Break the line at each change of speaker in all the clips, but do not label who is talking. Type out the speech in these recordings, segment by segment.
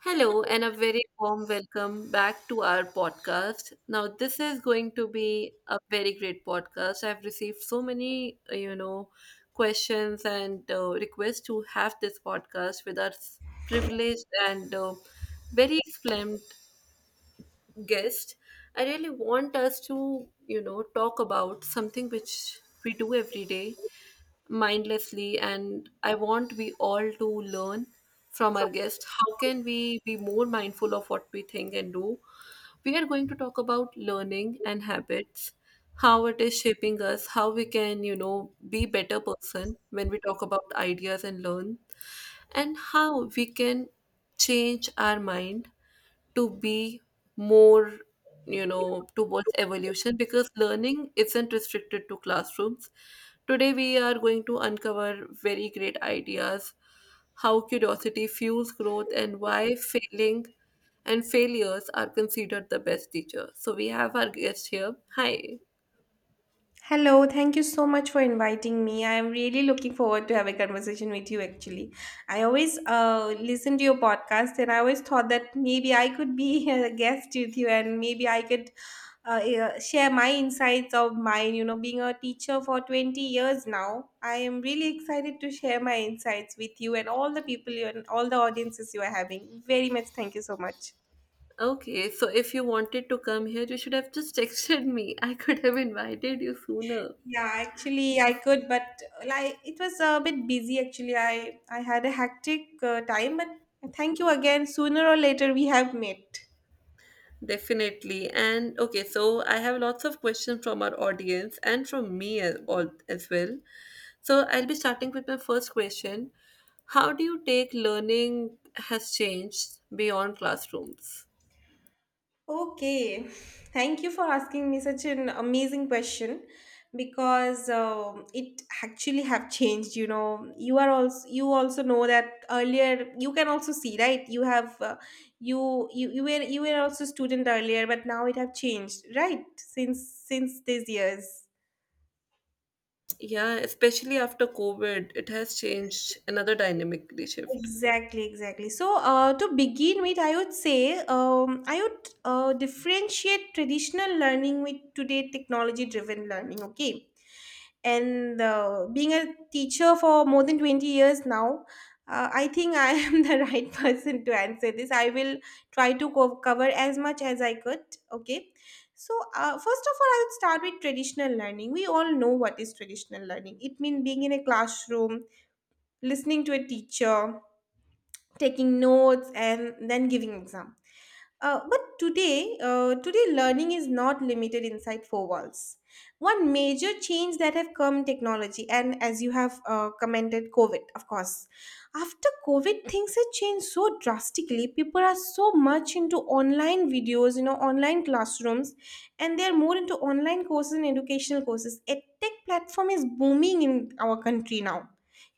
Hello, and a very warm welcome back to our podcast. Now, this is going to be a very great podcast. I've received so many, questions and requests to have this podcast with our privileged and very excellent guest. I really want us to, talk about something which we do every day mindlessly, and I want we all to learn from our guest how can we be more mindful of what we think and do. We are going to talk about learning and habits, how it is shaping us, how we can, be better person when we talk about ideas and learn, and how we can change our mind to be more, towards evolution, because learning isn't restricted to classrooms. Today we are going to uncover very great ideas, how curiosity fuels growth and why failing and failures are considered the best teacher. So we have our guest here. Hi.
Hello, thank you so much for inviting me. I am really looking forward to have a conversation with you actually. I always listen to your podcast and I always thought that maybe I could be a guest with you and maybe I could share my insights of mine, being a teacher for 20 years now. I am really excited to share my insights with you and all the people you and all the audiences you are having. Very much thank you so much.
Okay, so if you wanted to come here, you should have just texted me. I could have invited you sooner.
Yeah, actually I could, but like it was a bit busy actually. I had a hectic time, but thank you again. Sooner or later we have met.
Definitely. And okay, so I have lots of questions from our audience and from me as, all, as well. So I'll be starting with my first question. How do you take learning has changed beyond classrooms?
Okay. Thank you for asking me such an amazing question because it actually have changed, you know. You also know that earlier you can also see, right? You have you, you you were also student earlier, but now it have changed, right? Since these years.
Yeah, especially after COVID, it has changed another dynamically shift.
Exactly, exactly. So, to begin with, I would say I would differentiate traditional learning with today technology-driven learning. Okay, and being a teacher for more than 20 years now, I think I am the right person to answer this. I will try to cover as much as I could. Okay, so first of all, I would start with traditional learning. We all know what is traditional learning. It means being in a classroom, listening to a teacher taking notes and then giving exam, but today today learning is not limited inside four walls. One major change that have come technology, and as you have commented, COVID of course. After COVID, things have changed so drastically. People are so much into online videos, you know, online classrooms, and they're more into online courses and educational courses. Edtech platform is booming in our country now.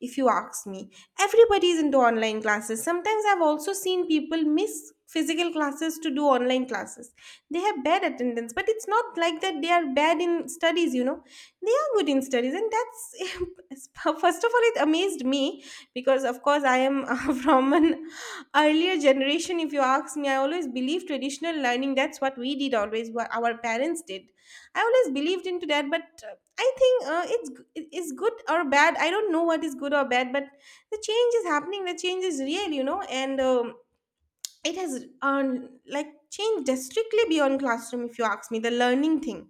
If you ask me, everybody is into online classes. Sometimes I've also seen people miss physical classes to do online classes. They have bad attendance, but it's not like that they are bad in studies, you know, they are good in studies, and that's first of all, it amazed me because of course I am from an earlier generation. If you ask me, I always believe traditional learning. That's what we did, always what our parents did. I always believed into that, but I think it's it's good or bad, I don't know what is good or bad, but the change is happening, the change is real, you know. And it has like changed drastically beyond classroom, if you ask me, the learning thing,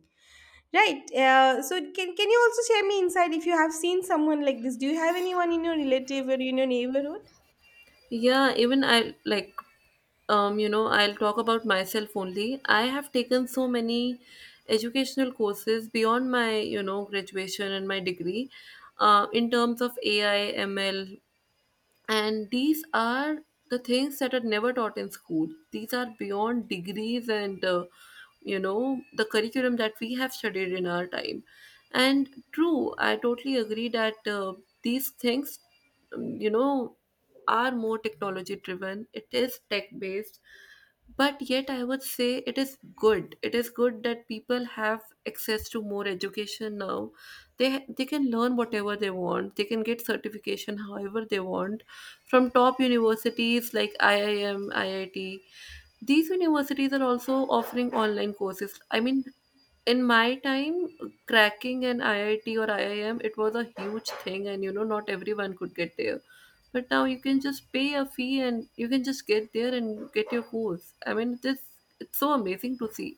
right? So can you also share me inside if you have seen someone like this? Do you have anyone in your relative or in your neighborhood?
Yeah, even I like, you know, I'll talk about myself only. I have taken so many educational courses beyond my, graduation and my degree, uh, in terms of AI, ML, and these are the things that are never taught in school. These are beyond degrees and, you know, the curriculum that we have studied in our time. And true, I totally agree that, these things, you know, are more technology driven, it is tech based, but yet I would say it is good. It is good that people have access to more education now. They they can learn whatever they want, they can get certification however they want, from top universities like IIM, IIT. These universities are also offering online courses. I mean, in my time, cracking an IIT or IIM, it was a huge thing, and you know, not everyone could get there. But now you can just pay a fee and you can just get there and get your course. I mean, this, it's so amazing to see.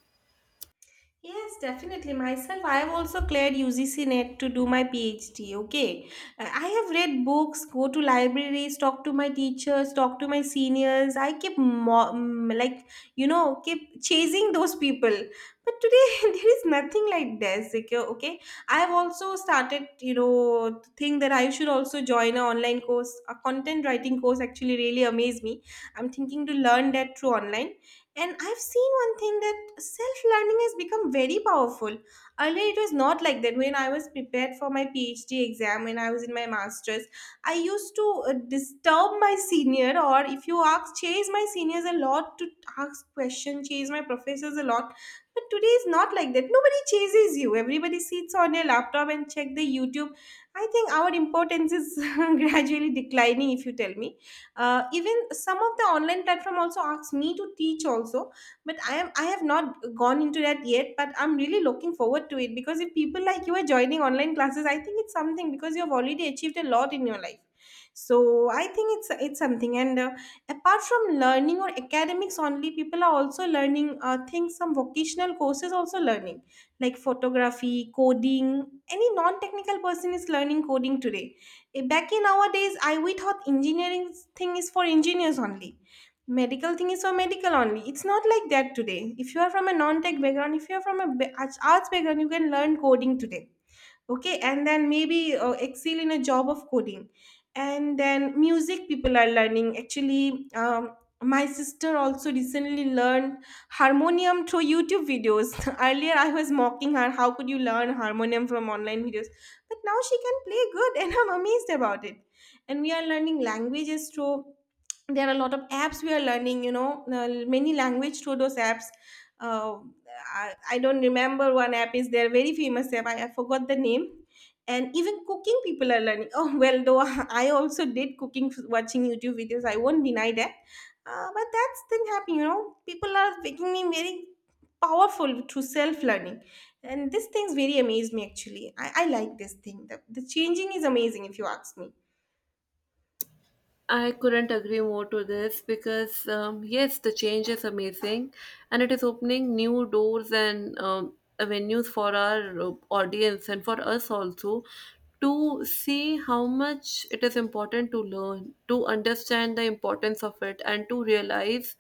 Yes, definitely. Myself, I have also cleared UGC Net to do my PhD. Okay. I have read books, go to libraries, talk to my teachers, talk to my seniors. I keep like, you know, keep chasing those people, but today there is nothing like this. Okay, okay. I have also started, you know, to think that I should also join an online course. A content writing course actually really amazed me. I'm thinking to learn that through online, and I've seen one thing that self learning has become very powerful. Earlier, it was not like that. When I was prepared for my PhD exam, when I was in my master's, I used to disturb my senior, or if you ask, chase my seniors a lot to ask questions, chase my professors a lot. But today is not like that. Nobody chases you. Everybody sits on your laptop and check the YouTube. I think our importance is gradually declining, if you tell me. Even some of the online platform also asks me to teach also, but I have not gone into that yet, but I'm really looking forward to it because if people like you are joining online classes, I think it's something because you have already achieved a lot in your life. So I think it's something. And apart from learning or academics only, people are also learning things. Some vocational courses also learning, like photography, coding. Any non technical person is learning coding today. Eh, back in our days, I we thought engineering thing is for engineers only. Medical thing is for medical only. It's not like that today. If you are from a non-tech background, if you are from a arts background, you can learn coding today. Okay, and then maybe excel in a job of coding. And then music, people are learning actually. My sister also recently learned harmonium through YouTube videos. Earlier I was mocking her, how could you learn harmonium from online videos? But now she can play good and I'm amazed about it. And we are learning languages through, there are a lot of apps. We are learning, you know, many language through those apps. uh, I don't remember, one app is there, very famous app, I forgot the name. And even cooking people are learning. Oh well, though, I also did cooking watching YouTube videos, I won't deny that. But that's thing happening, you know. People are becoming very powerful through self-learning, and this things very amaze me actually. I like this thing. The changing is amazing, if you ask me.
I couldn't agree more to this, because, yes, the change is amazing, and it is opening new doors and, avenues for our audience and for us also to see how much it is important to learn, to understand the importance of it, and to realize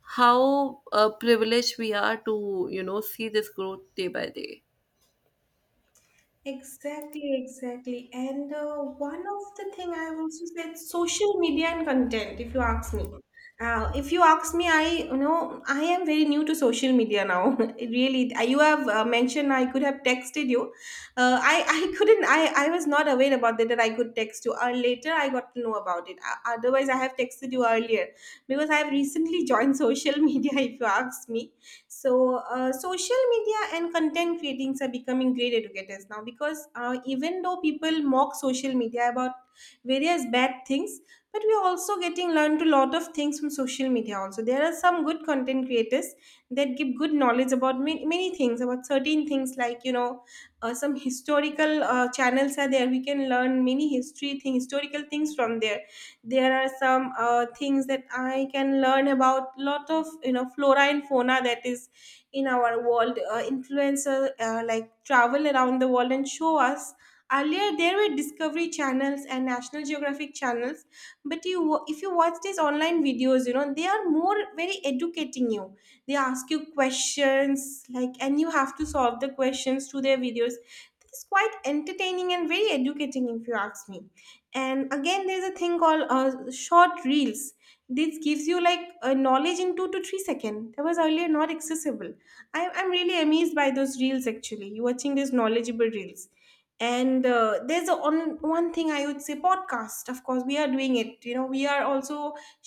how, privileged we are to, you know, see this growth day by day.
Exactly, exactly. And one of the thing I have also said, social media and content. If you ask me, I, you know, I am very new to social media now. It really, you have mentioned I could have texted you. I I couldn't. I was not aware about that that I could text you. Later I got to know about it. Otherwise, I have texted you earlier because I have recently joined social media. If you ask me, so social media and content creatings are becoming great educators now because even though people mock social media about various bad things, but we are also getting learned a lot of things from social media also. There are some good content creators that give good knowledge about many, many things, about certain things, like, you know, some historical channels are there. We can learn many history thing historical things from there. There are some things that I can learn about, lot of, you know, flora and fauna that is in our world. Influencer, like, travel around the world and show us. Earlier there were discovery channels and national geographic channels, but if you watch these online videos, you know, they are more very educating you. They ask you questions, like, and you have to solve the questions through their videos. It's quite entertaining and very educating, if you ask me. And again, there's a thing called short reels. This gives you like a knowledge in 2 to 3 seconds that was earlier not accessible. I'm really amazed by those reels actually. You are watching these knowledgeable reels. And on one thing I would say, podcast, of course, we are doing it, you know, we are also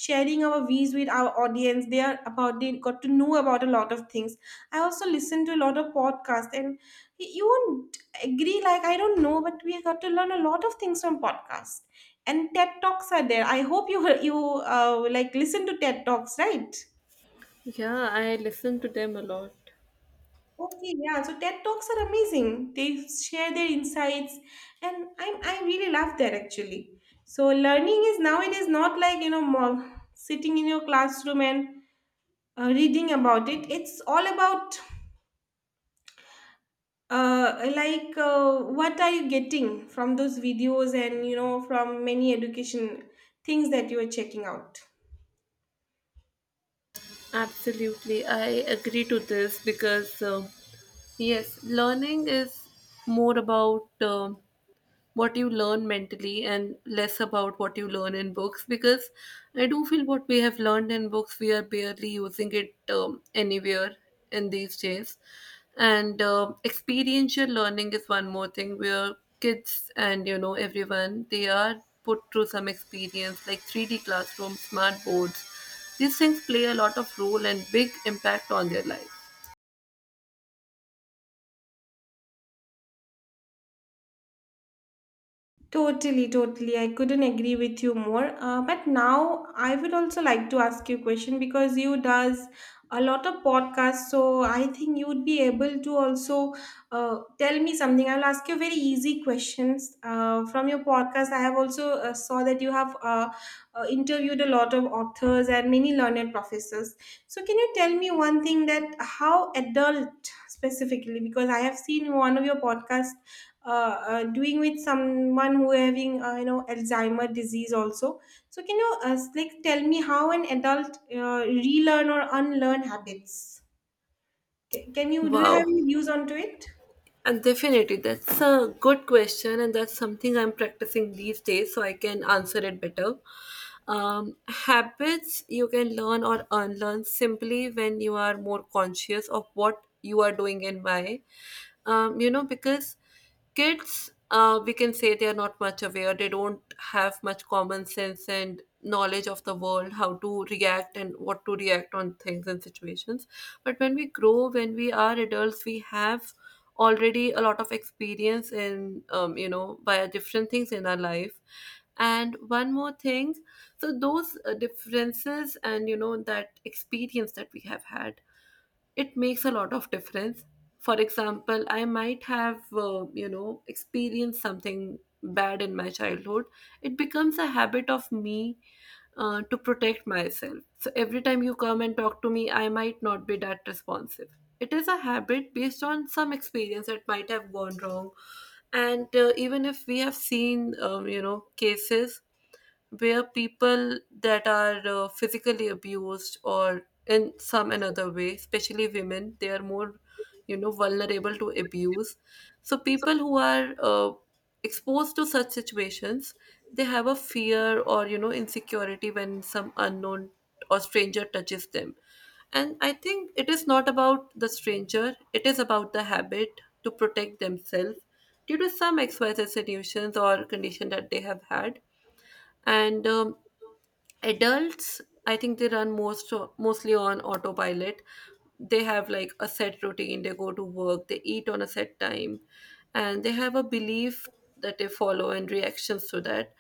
sharing our views with our audience. They are about, they got to know about a lot of things. I also listen to a lot of podcasts, and you won't agree, like, I don't know, but we got to learn a lot of things from podcast. And TED Talks are there. I hope you you like listen to TED Talks, right?
Yeah, I listen to them a lot.
Okay, yeah, so TED Talks are amazing. They share their insights, and I really love that actually. So learning is nowadays not like, you know, more sitting in your classroom and reading about it. It's all about what are you getting from those videos, and, you know, from many education things that you are checking out.
Absolutely, I agree to this because, yes, learning is more about, what you learn mentally and less about what you learn in books, because I do feel what we have learned in books we are barely using it, anywhere in these days. And, experiential learning is one more thing, where kids and you know everyone, they are put through some experience like 3D classrooms, smart boards. These things play a lot of role and big impact on their life.
Totally, totally. I couldn't agree with you more. But now I would also like to ask you a question because you does a lot of podcasts, so I think you would be able to also tell me something. I'll ask you very easy questions from your podcast. I have also saw that you have interviewed a lot of authors and many learned professors. So can you tell me one thing, that how adult, specifically? Because I have seen one of your podcasts doing with someone who having, you know, Alzheimer disease also. So can you like tell me how an adult relearn or unlearn habits? Can you do you have
Wow.
any views onto it?
And definitely, that's a good question, and that's something I'm practicing these days so I can answer it better. Habits you can learn or unlearn simply when you are more conscious of what you are doing and why. You know, because kids, we can say they are not much aware, they don't have much common sense and knowledge of the world, how to react and what to react on things and situations. But when we grow, when we are adults, we have already a lot of experience in, you know, by different things in our life. And one more thing, so those, differences and you know that experience that we have had, it makes a lot of difference. For example, I might have, you know, experienced something bad in my childhood. It becomes a habit of me, to protect myself, so every time you come and talk to me, I might not be that responsive. It is a habit based on some experience that might have gone wrong. And, even if we have seen, you know, cases where people that are, physically abused or in some another way, especially women, they are more, you know, vulnerable to abuse. So people who are, exposed to such situations, they have a fear or, you know, insecurity when some unknown or stranger touches them. And I think it is not about the stranger, it is about the habit to protect themselves, due to some xyz solutions or condition that they have had. And, adults, I think they run mostly on autopilot. They have like a set routine, they go to work, they eat on a set time, and they have a belief that they follow and reactions to that.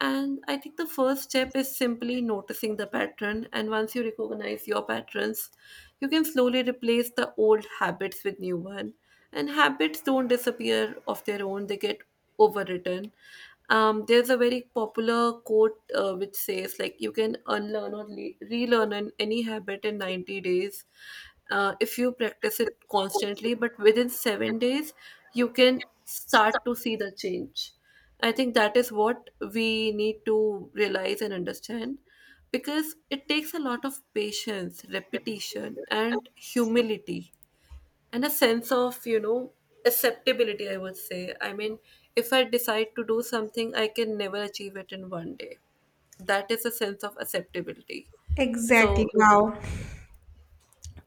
And I think the first step is simply noticing the pattern, and once you recognize your patterns, you can slowly replace the old habits with new one. And habits don't disappear of their own, they get overwritten. There's a very popular quote, which says like you can unlearn or relearn any habit in 90 days, if you practice it constantly. But within 7 days you can start to see the change. I think that is what we need to realize and understand, because it takes a lot of patience, repetition and humility, and a sense of, you know, acceptability, I would say. I mean, if I decide to do something, I can never achieve it in one day. That is a sense of acceptability.
Exactly.
So
Wow.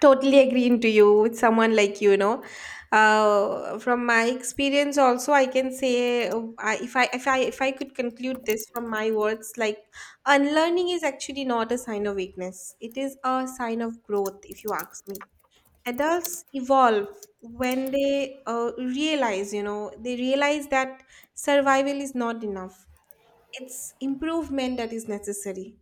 Totally agreeing to you with someone like you know. From my experience, also I can say, I, if I if I if I could conclude this from my words, like unlearning is actually not a sign of weakness; it is a sign of growth, if you ask me. Adults evolve when they realize you know they realize that survival is not enough. It's improvement that is necessary.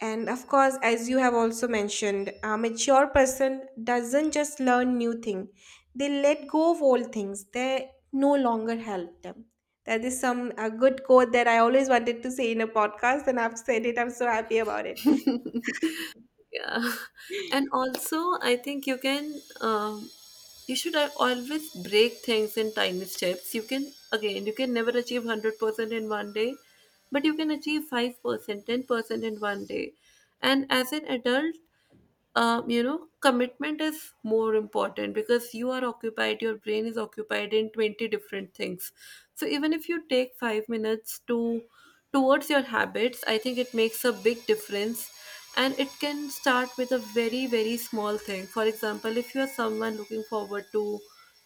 And of course, as you have also mentioned, a mature person doesn't just learn new thing, they let go of old things that no longer help them. That is some a good quote that I always wanted to say in a podcast, and I've said it. I'm so happy about it.
yeah. And also I think you can, um, you should always break things in tiny steps. You can, again, you can never achieve 100% in one day, but you can achieve 5%, 10% in one day. And as an adult, you know, commitment is more important, because you are occupied, your brain is occupied in 20 different things. So even if you take 5 minutes to towards your habits, I think it makes a big difference. And it can start with a very, very small thing. For example, if you are someone looking forward to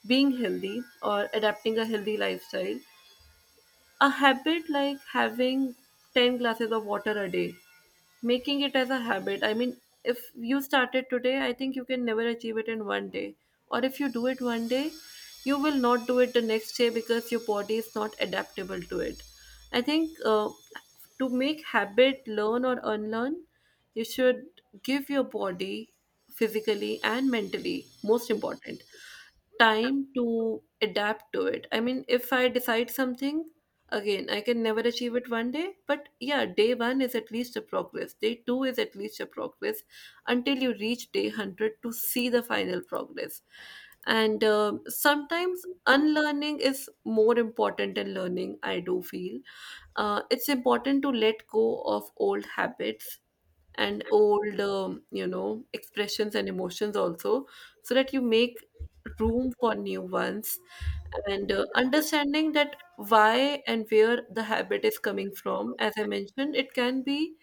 being healthy or adapting a healthy lifestyle, a habit like having 10 glasses of water a day, making it as a habit. I mean, if you started today, I think you can never achieve it in one day. Or if you do it one day, you will not do it the next day, because your body is not adaptable to it. I think, to make habit learn or unlearn, you should give your body, physically and mentally, most important, time to adapt to it. I mean, if I decide something, again, I can never achieve it one day, but yeah, day one is at least a progress, day two is at least a progress, until you reach day 100 to see the final progress. And, um, sometimes unlearning is more important than learning, I do feel. It's important to let go of old habits and old, you know, expressions and emotions also, so that you make room for new ones. And, understanding that why and where the habit is coming from. As I mentioned, it can be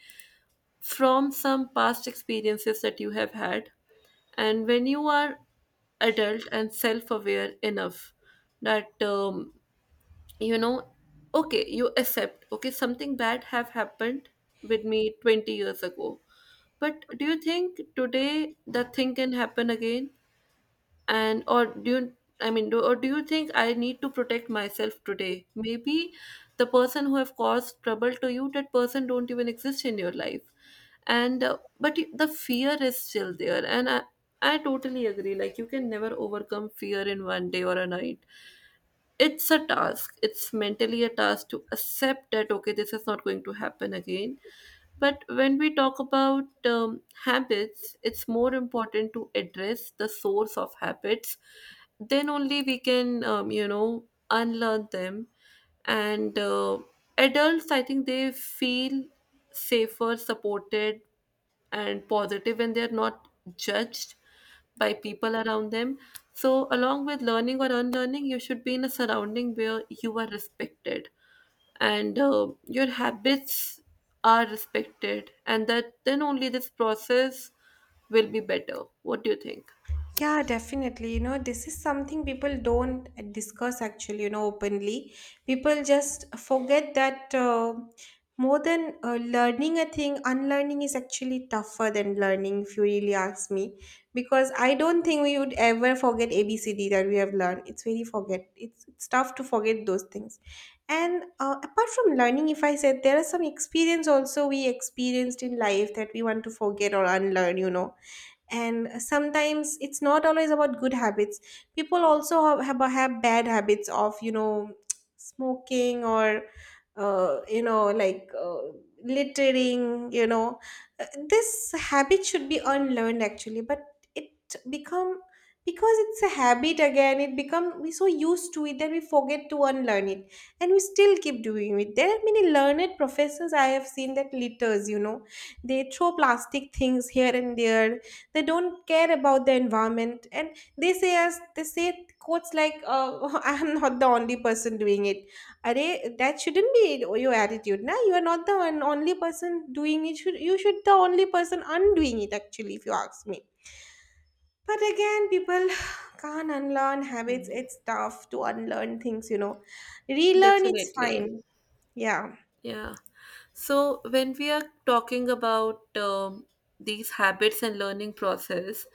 from some past experiences that you have had. And when you are adult and self aware enough that, you know, okay, you accept, okay, something bad have happened with me 20 years ago, but do you think today that thing can happen again? And or do you, I mean, or do you think I need to protect myself today? Maybe the person who have caused trouble to you, that person don't even exist in your life. And, but the fear is still there. And I totally agree, like you can never overcome fear in one day or a night. It's a task, it's mentally a task to accept that okay, this is not going to happen again. But when we talk about, habits, it's more important to address the source of habits, then only we can, you know, unlearn them. And, adults, I think they feel safer, supported and positive when they are not judged by people around them. So, along with learning or unlearning, you should be in a surrounding where you are respected, and, your habits are respected, and that then only this process will be better. What do you think?
Yeah, definitely. You know, this is something people don't discuss actually, you know, openly. People just forget that, more than learning a thing, unlearning is actually tougher than learning, if you really ask me. Because I don't think we would ever forget ABCD that we have learned. It's very forget. It's tough to forget those things. And apart from learning, if I said there are some experience also we experienced in life that we want to forget or unlearn, you know. And sometimes it's not always about good habits. People also have bad habits of, you know, smoking or uh, you know like uh, littering, you know. Uh, this habit should be unlearned actually, but it become, because it's a habit again, it become we so used to it that we forget to unlearn it, and we still keep doing it. There are many learned professors I have seen that litters, you know. They throw plastic things here and there. They don't care about the environment. And they say us, they say quotes like I am not the only person doing it. Are that shouldn't be your attitude na. You are not the one, only person doing it. Should you should the only person undoing it actually, if you ask me. But again, people can't unlearn habits. It's tough to unlearn things, you know. Relearn, it's
Definitely.
fine. Yeah.
Yeah. So when we are talking about, these habits and learning process,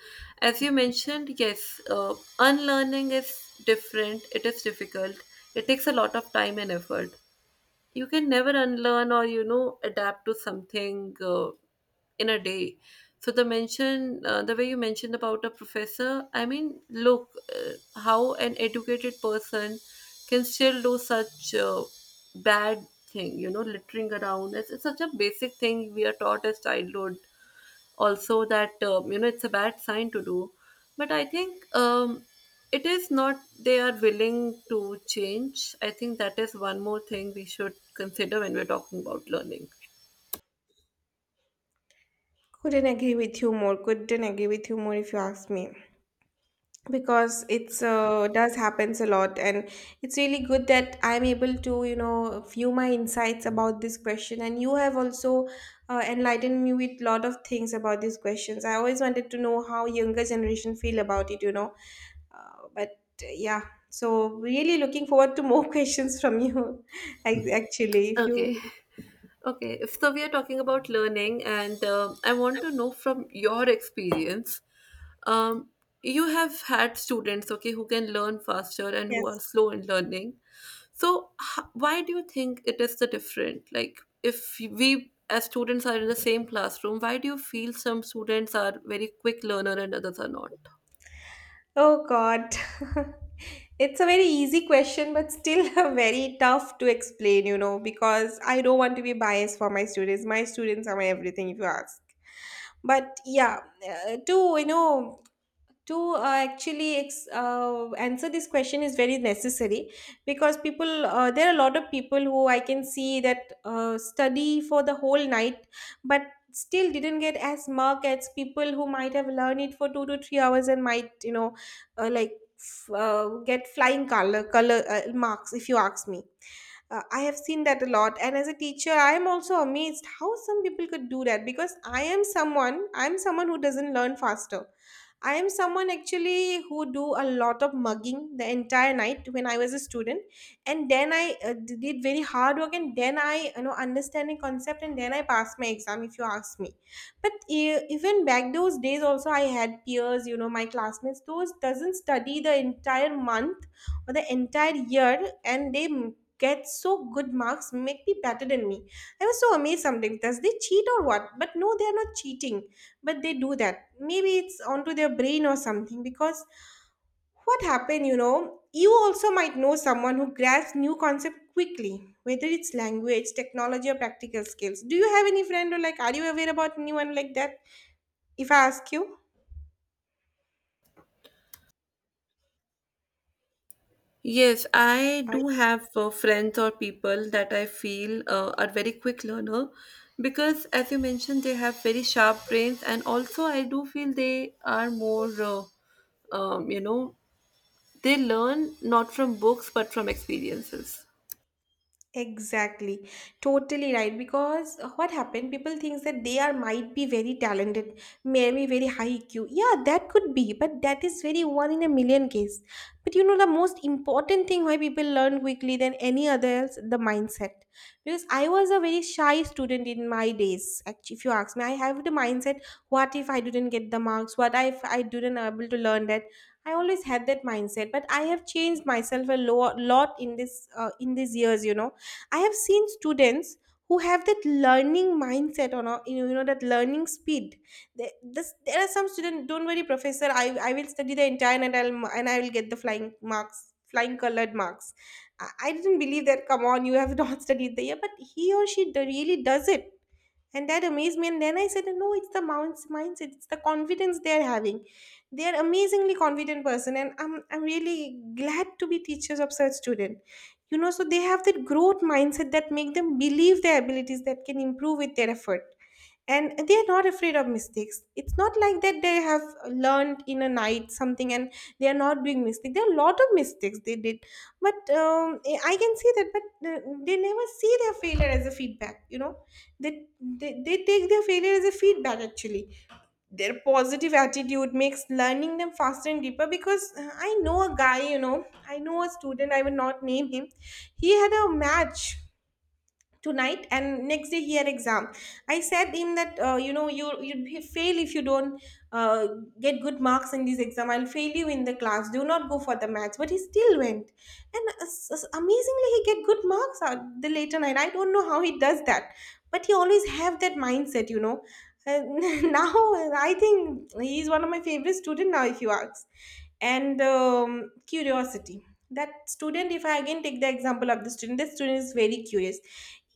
as you mentioned, yes, unlearning is different. It is difficult. It takes a lot of time and effort. You can never unlearn or adapt to something in a day. So the mention, the way you mentioned about a professor, I mean, look, uh, how an educated person can still do such bad thing, littering around. It's such a basic thing we are taught as childhood also, that it's a bad sign to do. But I think, it is not they are willing to change. I think that is one more thing we should consider when we're talking about learning.
Couldn't agree with you more, couldn't agree with you more, if you ask me. Because it's, does happens a lot. And it's really good that I'm able to, you know, view my insights about this question, and you have also enlightened me with lot of things about these questions. I always wanted to know how younger generation feel about it, you know. But yeah, so really looking forward to more questions from you actually, if you.
Okay. Okay. If so, we are talking about learning, and I want to know from your experience. Um, you have had students, okay, who can learn faster and who are
Yes.
slow in learning. So, why do you think it is the different? Like, if we as students are in the same classroom, why do you feel some students are very quick learner and others are not?
Oh god. It's a very easy question, but still very tough to explain, you know, because I don't want to be biased for my students. My students are my everything, if you ask. But yeah, to, you know, to actually answer this question is very necessary, because people there are a lot of people who I can see that study for the whole night, but still didn't get as mark as people who might have learned it for 2 to 3 hours, and might, you know, uh, like f- uh, get flying color marks, if you ask me. I have seen that a lot, and as a teacher I am also amazed how some people could do that, because I am someone, I'm someone who doesn't learn faster. I am someone actually who do a lot of mugging the entire night when I was a student, and then I did very hard work, and then I, you know, understand a concept, and then I passed my exam. If you ask me, but even back those days also I had peers, you know, my classmates. Those doesn't study the entire month or the entire year, and they get so good marks, make me better than me. I was so amazed sometimes. Does they cheat or what? But no, they are not cheating, but they do that, maybe it's onto their brain or something. Because what happened, you know, you also might know someone who grasps new concept quickly, whether it's language, technology, or practical skills. Do you have any friend, or like are you aware about anyone like that, if I ask you?
Yes, I do have friends or people that I feel are very quick learner, because, as you mentioned, they have very sharp brains, and also I do feel they are more, um, you know, they learn not from books but from experiences.
Exactly, totally right. Because what happened? People thinks that they are might be very talented, maybe very high EQ. Yeah, that could be, but that is very one in a million case. But you know the most important thing why people learn quickly than any other else? The mindset. Because I was a very shy student in my days. Actually, if you ask me, I have the mindset: what if I didn't get the marks? What if I didn't able to learn that? I always had that mindset, but I have changed myself a lot in this in these years. You know, I have seen students who have that learning mindset on a, you know, you know, that learning speed. There are some students, don't worry professor, I will study the entire, and I will get the flying marks, flying colored marks. I didn't believe that, come on, you have not studied the year, but he or she really does it. And that amazed me, and then I said no, it's the mounts mindset, it's the confidence they're having. They're amazingly confident person, and I'm really glad to be teachers of such student, you know. So they have that growth mindset that make them believe their abilities that can improve with their effort. And they are not afraid of mistakes. It's not like that they have learned in a night something and they are not doing mistakes. There are a lot of mistakes they did, but I can see that. But they never see their failure as a feedback, you know. They take their failure as a feedback actually. Their positive attitude makes learning them faster and deeper, because I know a guy, you know, I know a student, I will not name him. He had a match tonight, and next day he had exam. I said him that, you know, you'd be fail if you don't uh, get good marks in this exam, I'll fail you in the class, do not go for the maths. But he still went, and amazingly he get good marks at the later night. I don't know how he does that, but he always have that mindset, you know. Uh, Now I think he's one of my favorite student now, if you ask. And curiosity. That student, if I again take the example of the student, the student is very curious.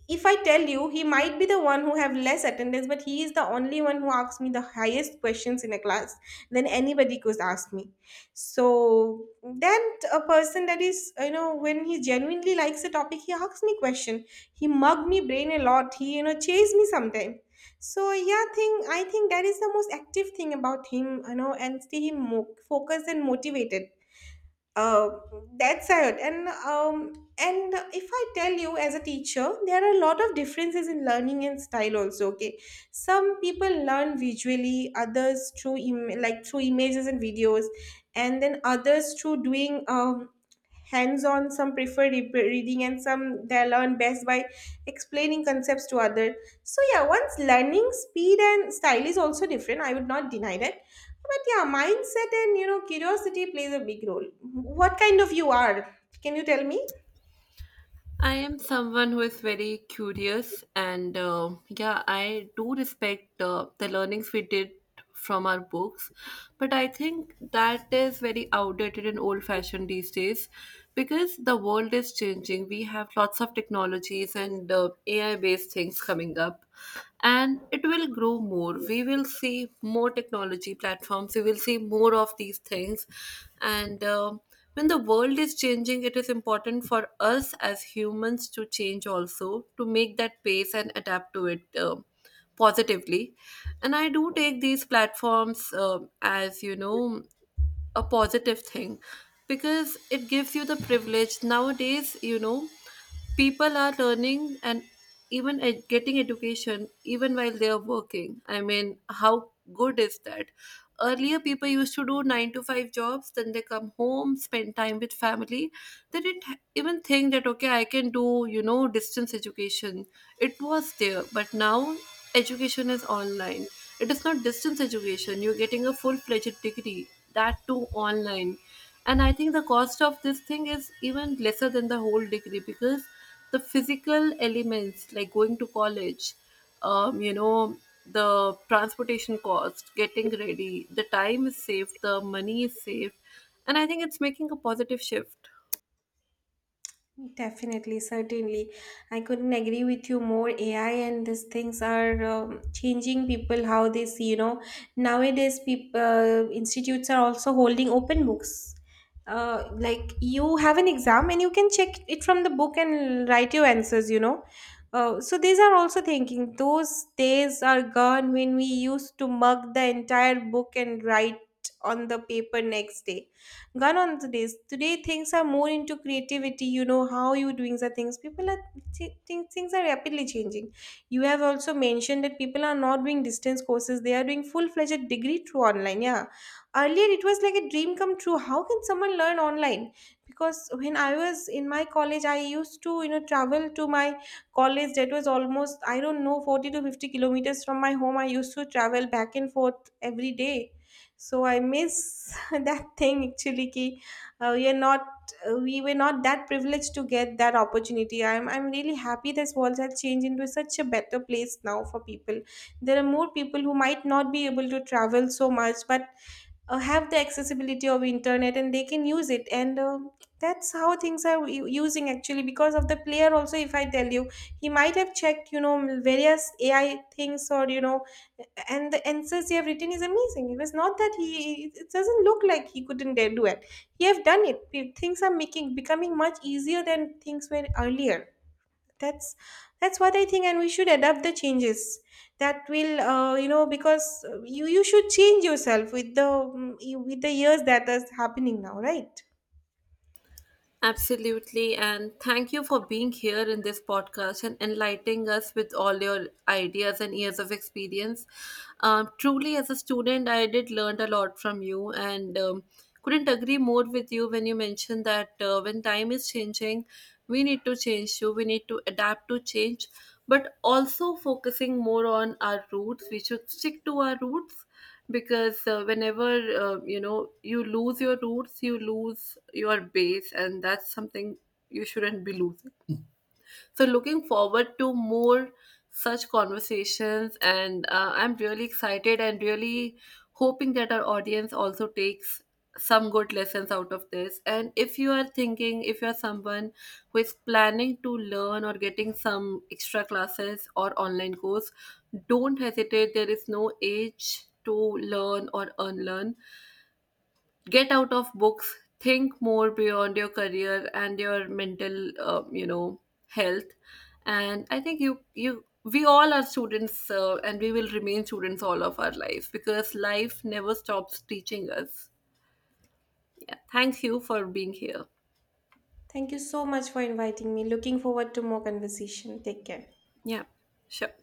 If I tell you, he might be the one who have less attendance, but he is the only one who asks me the highest questions in a class than anybody could ask me. So that a person, that is, you know, when he genuinely likes a topic, he asks me question. He mug me brain a lot, he, you know, chase me sometime. So yeah, thing, I think that is the most active thing about him, you know, and stay him focused and motivated. uh, that's it. And if I tell you, as a teacher, there are a lot of differences in learning and style also, okay. Some people learn visually, others through through images and videos, and then others through doing, um, hands-on. Some prefer reading, and some they learn best by explaining concepts to others. So yeah, once learning speed and style is also different, I would not deny that. But yeah, mindset and, you know, curiosity plays a big role. What kind of you are? Can you tell me?
I am someone who is very curious, and yeah, I do respect the learnings we did from our books, but I think that is very outdated and old fashioned these days, because the world is changing. We have lots of technologies and AI based things coming up, and it will grow more. We will see more technology platforms, we will see more of these things, and when the world is changing, it is important for us as humans to change also, to make that pace and adapt to it positively. And I do take these platforms as, you know, a positive thing, because it gives you the privilege. Nowadays, you know, people are learning and even getting education even while they are working. I mean, how good is that? Earlier, people used to do 9-to-5 jobs, then they come home, spend time with family. They didn't even think that, okay, I can do, you know, distance education. It was there, but now education is online. It is not distance education. You're getting a full-fledged degree, that too online. And I think the cost of this thing is even lesser than the whole degree, because the physical elements like going to college, um, you know the transportation cost, getting ready, the time is saved, the money is saved, and I think it's making a positive shift.
Definitely, certainly. I couldn't agree with you more. AI and these things are, changing people how they see, you know. Nowadays, institutes are also holding open books. Like, you have an exam and you can check it from the book and write your answers, you know. So these are also thinking. Those days are gone when we used to mug the entire book and write on the paper next day. Gone on today's today, things are more into creativity, you know. How you doing the things, people are think things are rapidly changing. You have also mentioned that people are not doing distance courses, they are doing full-fledged degree through online. Yeah, earlier it was like a dream come true, how can someone learn online. Because when I was in my college, I used to, you know, travel to my college that was almost, I don't know, 40 to 50 kilometers from my home. I used to travel back and forth every day. So I miss that thing actually ki. We were not that privileged to get that opportunity. I'm really happy this world has changed into such a better place now for people. There are more people who might not be able to travel so much, but have the accessibility of internet, and they can use it. And that's how things are using actually. Because of the player also, if I tell you, he might have checked, you know, various AI things, or you know, and the answers he have written is amazing. It was not that he, it doesn't look like he couldn't dare do it, he have done it. Things are making becoming much easier than things were earlier. that's that's what I think, and we should adapt the changes. That will, you know, because you should change yourself with the, mm, with the years that is happening now, right.
Absolutely, and thank you for being here in this podcast and enlightening us with all your ideas and years of experience. Truly, as a student, I did learn a lot from you, and couldn't agree more with you when you mentioned that, when time is changing, we need to change too. We need to adapt to change, but also focusing more on our roots. We should stick to our roots, because whenever, you lose your roots, you lose your base, and that's something you shouldn't be losing. So, looking forward to more such conversations, and I'm really excited and really hoping that our audience also takes some good lessons out of this. And if you are thinking, if you're someone who is planning to learn or getting some extra classes or online course, don't hesitate. There is no age to learn or unlearn, get out of books, think more beyond your career and your mental, health. And I think you you we all are students, and we will remain students all of our lives, because life never stops teaching us. Thank you for being here.
Thank you so much for inviting me. Looking forward to more conversation. Take care.
Yeah. Sure.